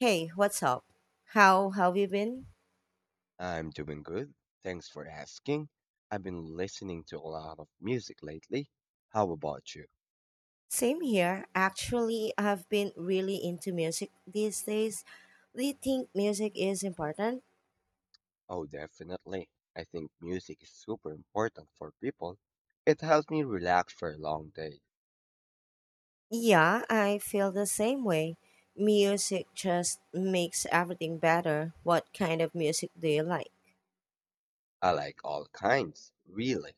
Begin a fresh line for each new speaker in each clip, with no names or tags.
Hey, what's up? How have you been?
I'm doing good. Thanks for asking. I've been listening to a lot of music lately. How about you?
Same here. Actually, I've been really into music these days. Do you think music is important?
Oh, definitely. I think music is super important for people. It helps me relax for a long day.
Yeah, I feel the same way. Music just makes everything better. What kind of music do you like?
I like all kinds, really.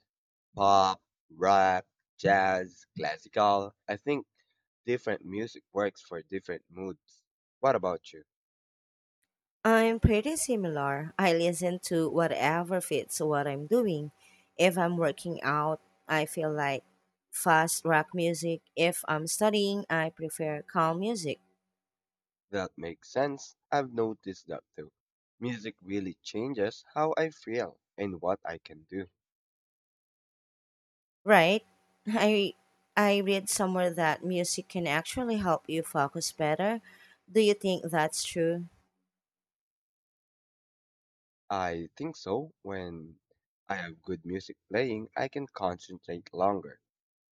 Pop, rap, jazz, classical. I think different music works for different moods. What about you?
I'm pretty similar. I listen to whatever fits what I'm doing. If I'm working out, I feel like fast rock music. If I'm studying, I prefer calm music.
That makes sense. I've noticed that too. Music really changes how I feel and what I can do.
Right. I I read somewhere that music can actually help you focus better. Do you think that's true?
I think so. When I have good music playing, I can concentrate longer.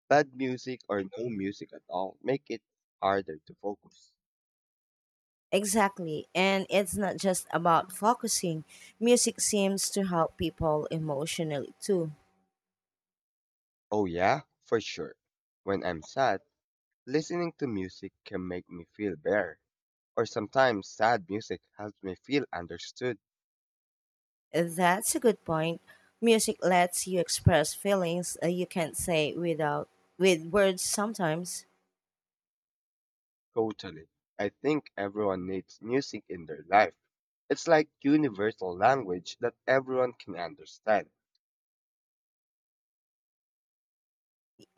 Bad music or no music at all make it harder to focus.
Exactly. And it's not just about focusing. Music seems to help people emotionally too.
Oh yeah, for sure. When I'm sad, listening to music can make me feel better. Or sometimes sad music helps me feel understood.
That's a good point. Music lets you express feelings you can't say without with words sometimes.
Totally. I think everyone needs music in their life. It's like universal language that everyone can understand.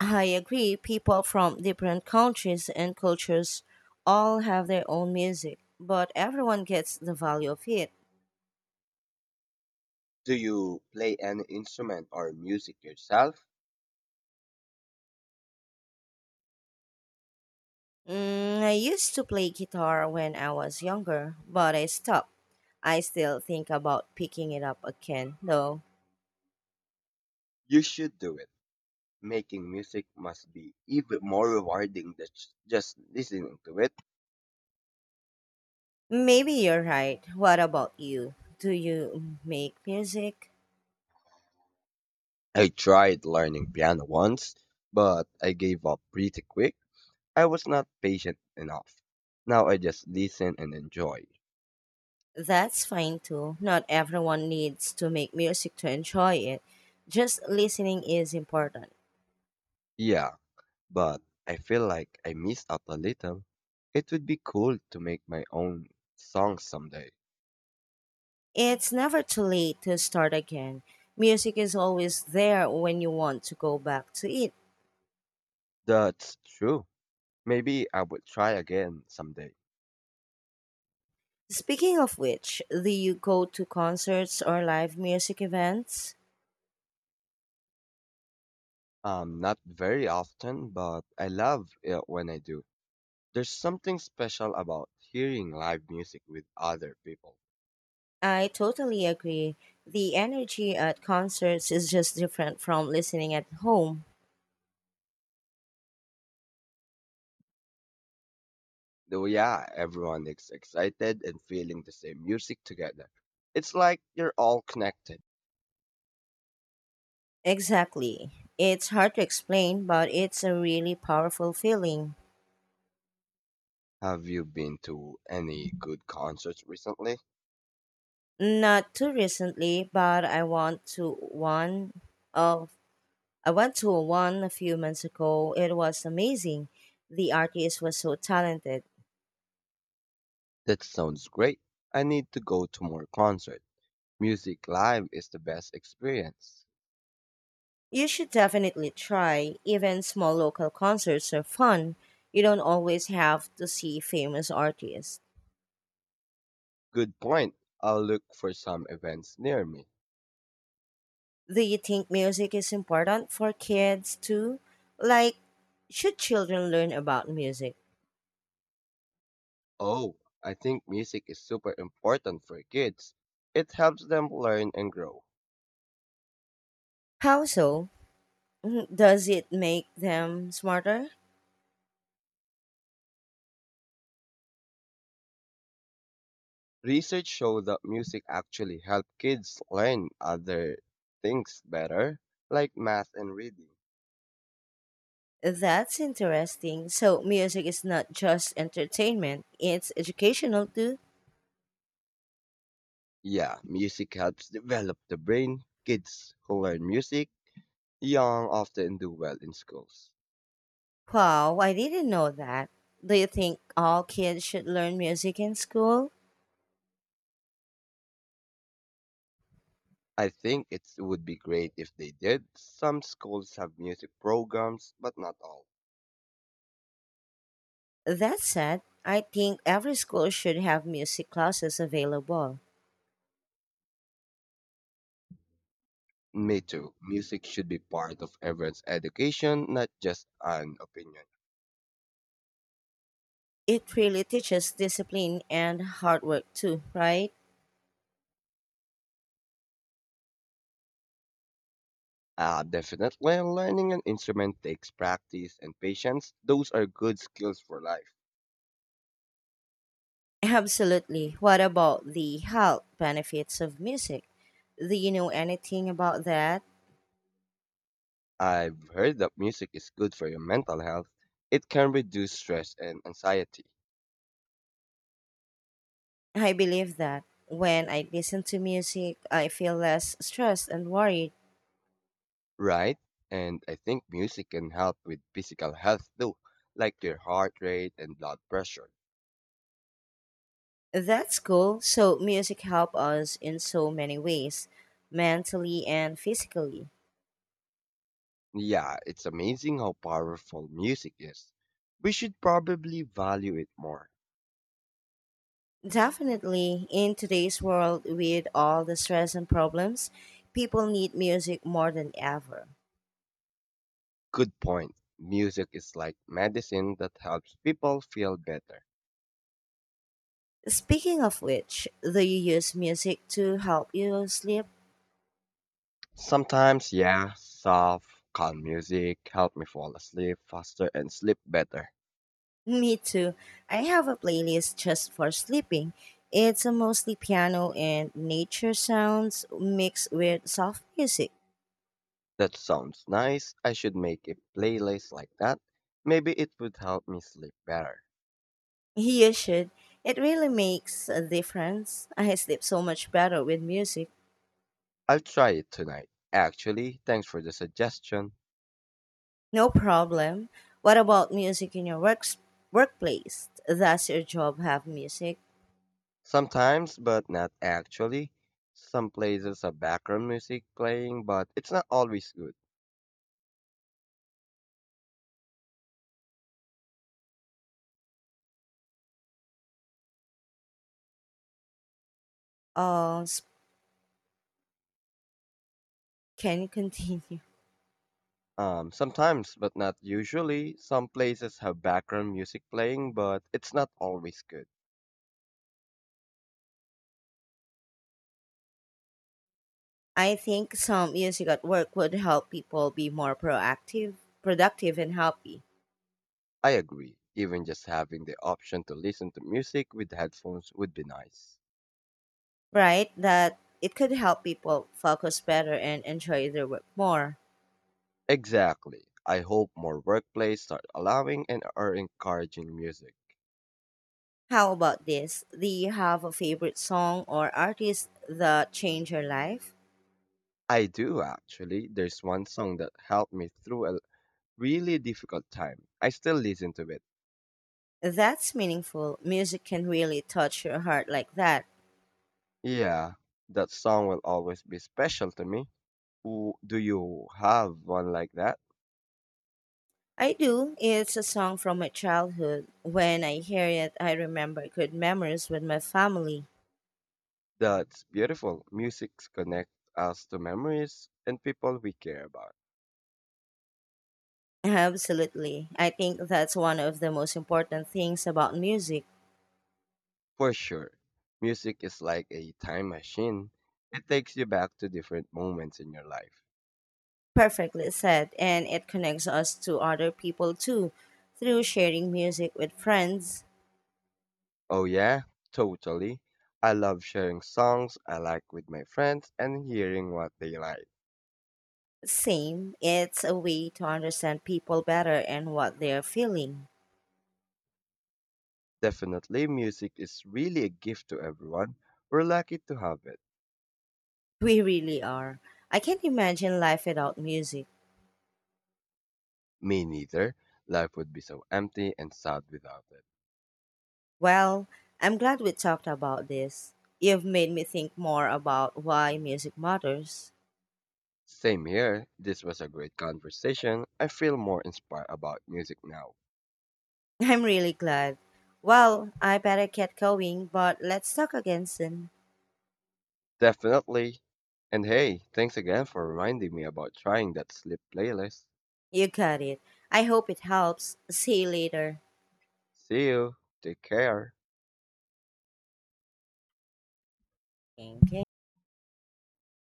I agree, people from different countries and cultures all have their own music, but everyone gets the value of it.
Do you play any instrument or music yourself?
Mm, I used to play guitar when I was younger, but I stopped. I still think about picking it up again, though.
You should do it. Making music must be even more rewarding than just listening to it.
Maybe you're right. What about you? Do you make music?
I tried learning piano once, but I gave up pretty quick. I was not patient enough. Now I just listen and enjoy.
That's fine too. Not everyone needs to make music to enjoy it. Just listening is important.
Yeah, but I feel like I missed out a little. It would be cool to make my own song someday.
It's never too late to start again. Music is always there when you want to go back to it.
That's true. Maybe I would try again someday.
Speaking of which, do you go to concerts or live music events?
Not very often, but I love it when I do. There's something special about hearing live music with other people.
I totally agree. The energy at concerts is just different from listening at home.
Though, yeah, everyone is excited and feeling the same music together. It's like you're all connected.
Exactly. It's hard to explain, but it's a really powerful feeling.
Have you been to any good concerts recently?
Not too recently, but of I went to one a few months ago. It was amazing. The artist was so talented.
That sounds great. I need to go to more concert. Music live is the best experience.
You should definitely try. Even small local concerts are fun. You don't always have to see famous artists.
Good point. I'll look for some events near me.
Do you think music is important for kids too? Like, should children learn about music?
Oh, I think music is super important for kids. It helps them learn and grow.
How so? Mhm, does it make them smarter?
Research shows that music actually helps kids learn other things better, like math and reading.
That's interesting. So, music is not just entertainment, it's educational too.
Yeah, music helps develop the brain. Kids who learn music young often do well in schools.
Wow, I didn't know that. Do you think all kids should learn music in school?
I think it would be great if they did. Some schools have music programs, but not all.
That said, I think every school should have music classes available.
Me too. Music should be part of everyone's education, not just an opinion.
It really teaches discipline and hard work too, right?
Definitely, learning an instrument takes practice and patience. Those are good skills for life.
Absolutely. What about the health benefits of music? Do you know anything about that?
I've heard that music is good for your mental health. It can reduce stress and anxiety,
I believe that when I listen to music, I feel less stressed and worried.
right? And I think music can help with physical health too, like your heart rate and blood pressure.
That's cool. So music help us in so many ways, mentally and physically.
Yeah, it's amazing how powerful music is. We should probably value it more.
Definitely, in today's world with all the stress and problems, people need music more than ever.
Good point. Music is like medicine that helps people feel better.
Speaking of which, do you use music to help you sleep?
Sometimes, yeah, soft, calm music help me fall asleep faster and sleep better.
Me too. I have a playlist just for sleeping. It's a mostly piano and nature sounds mixed with soft music.
That sounds nice. I should make a playlist like that. Maybe it would help me sleep better.
You should. It really makes a difference. I sleep so much better with music.
I'll try it tonight. Actually, thanks for the suggestion.
No problem. What about music in your works workplace? Does your job have music?
Sometimes, but not actually. Some places have background music playing, but it's not always good.
Uh, s- can you continue?
Sometimes, but not usually. Some places have background music playing, but it's not always good.
I think some music at work would help people be more proactive, productive, and happy.
I agree. Even just having the option to listen to music with headphones would be nice.
Right? That it could help people focus better and enjoy their work more.
Exactly. I hope more workplaces start allowing and are encouraging music.
How about this? Do you have a favorite song or artist that changed your life?
I do actually. There's one song that helped me through a really difficult time. I still listen to it.
That's meaningful. Music can really touch your heart like that.
Yeah, that song will always be special to me. Do you have one like that?
I do. It's a song from my childhood. When I hear it, I remember good memories with my family.
That's beautiful. Music connects us to memories and people we care about.
Absolutely. I think that's one of the most important things about music.
For sure. Music is like a time machine. It takes you back to different moments in your life.
Perfectly said. And it connects us to other people too through sharing music with friends.
Oh yeah, totally. I love sharing songs I like with my friends and hearing what they like.
Same. It's a way to understand people better and what they're feeling.
Definitely music is really a gift to everyone. We're lucky to have it.
We really are. I can't imagine life without music.
Me neither. Life would be so empty and sad without it.
Well, I'm glad we talked about this. You've made me think more about why music matters.
Same here. This was a great conversation. I feel more inspired about music now.
I'm really glad. Well, I better get going, but let's talk again soon.
Definitely. And hey, thanks again for reminding me about trying that sleep playlist.
You got it. I hope it helps. See you later.
See you. Take care.
Okay.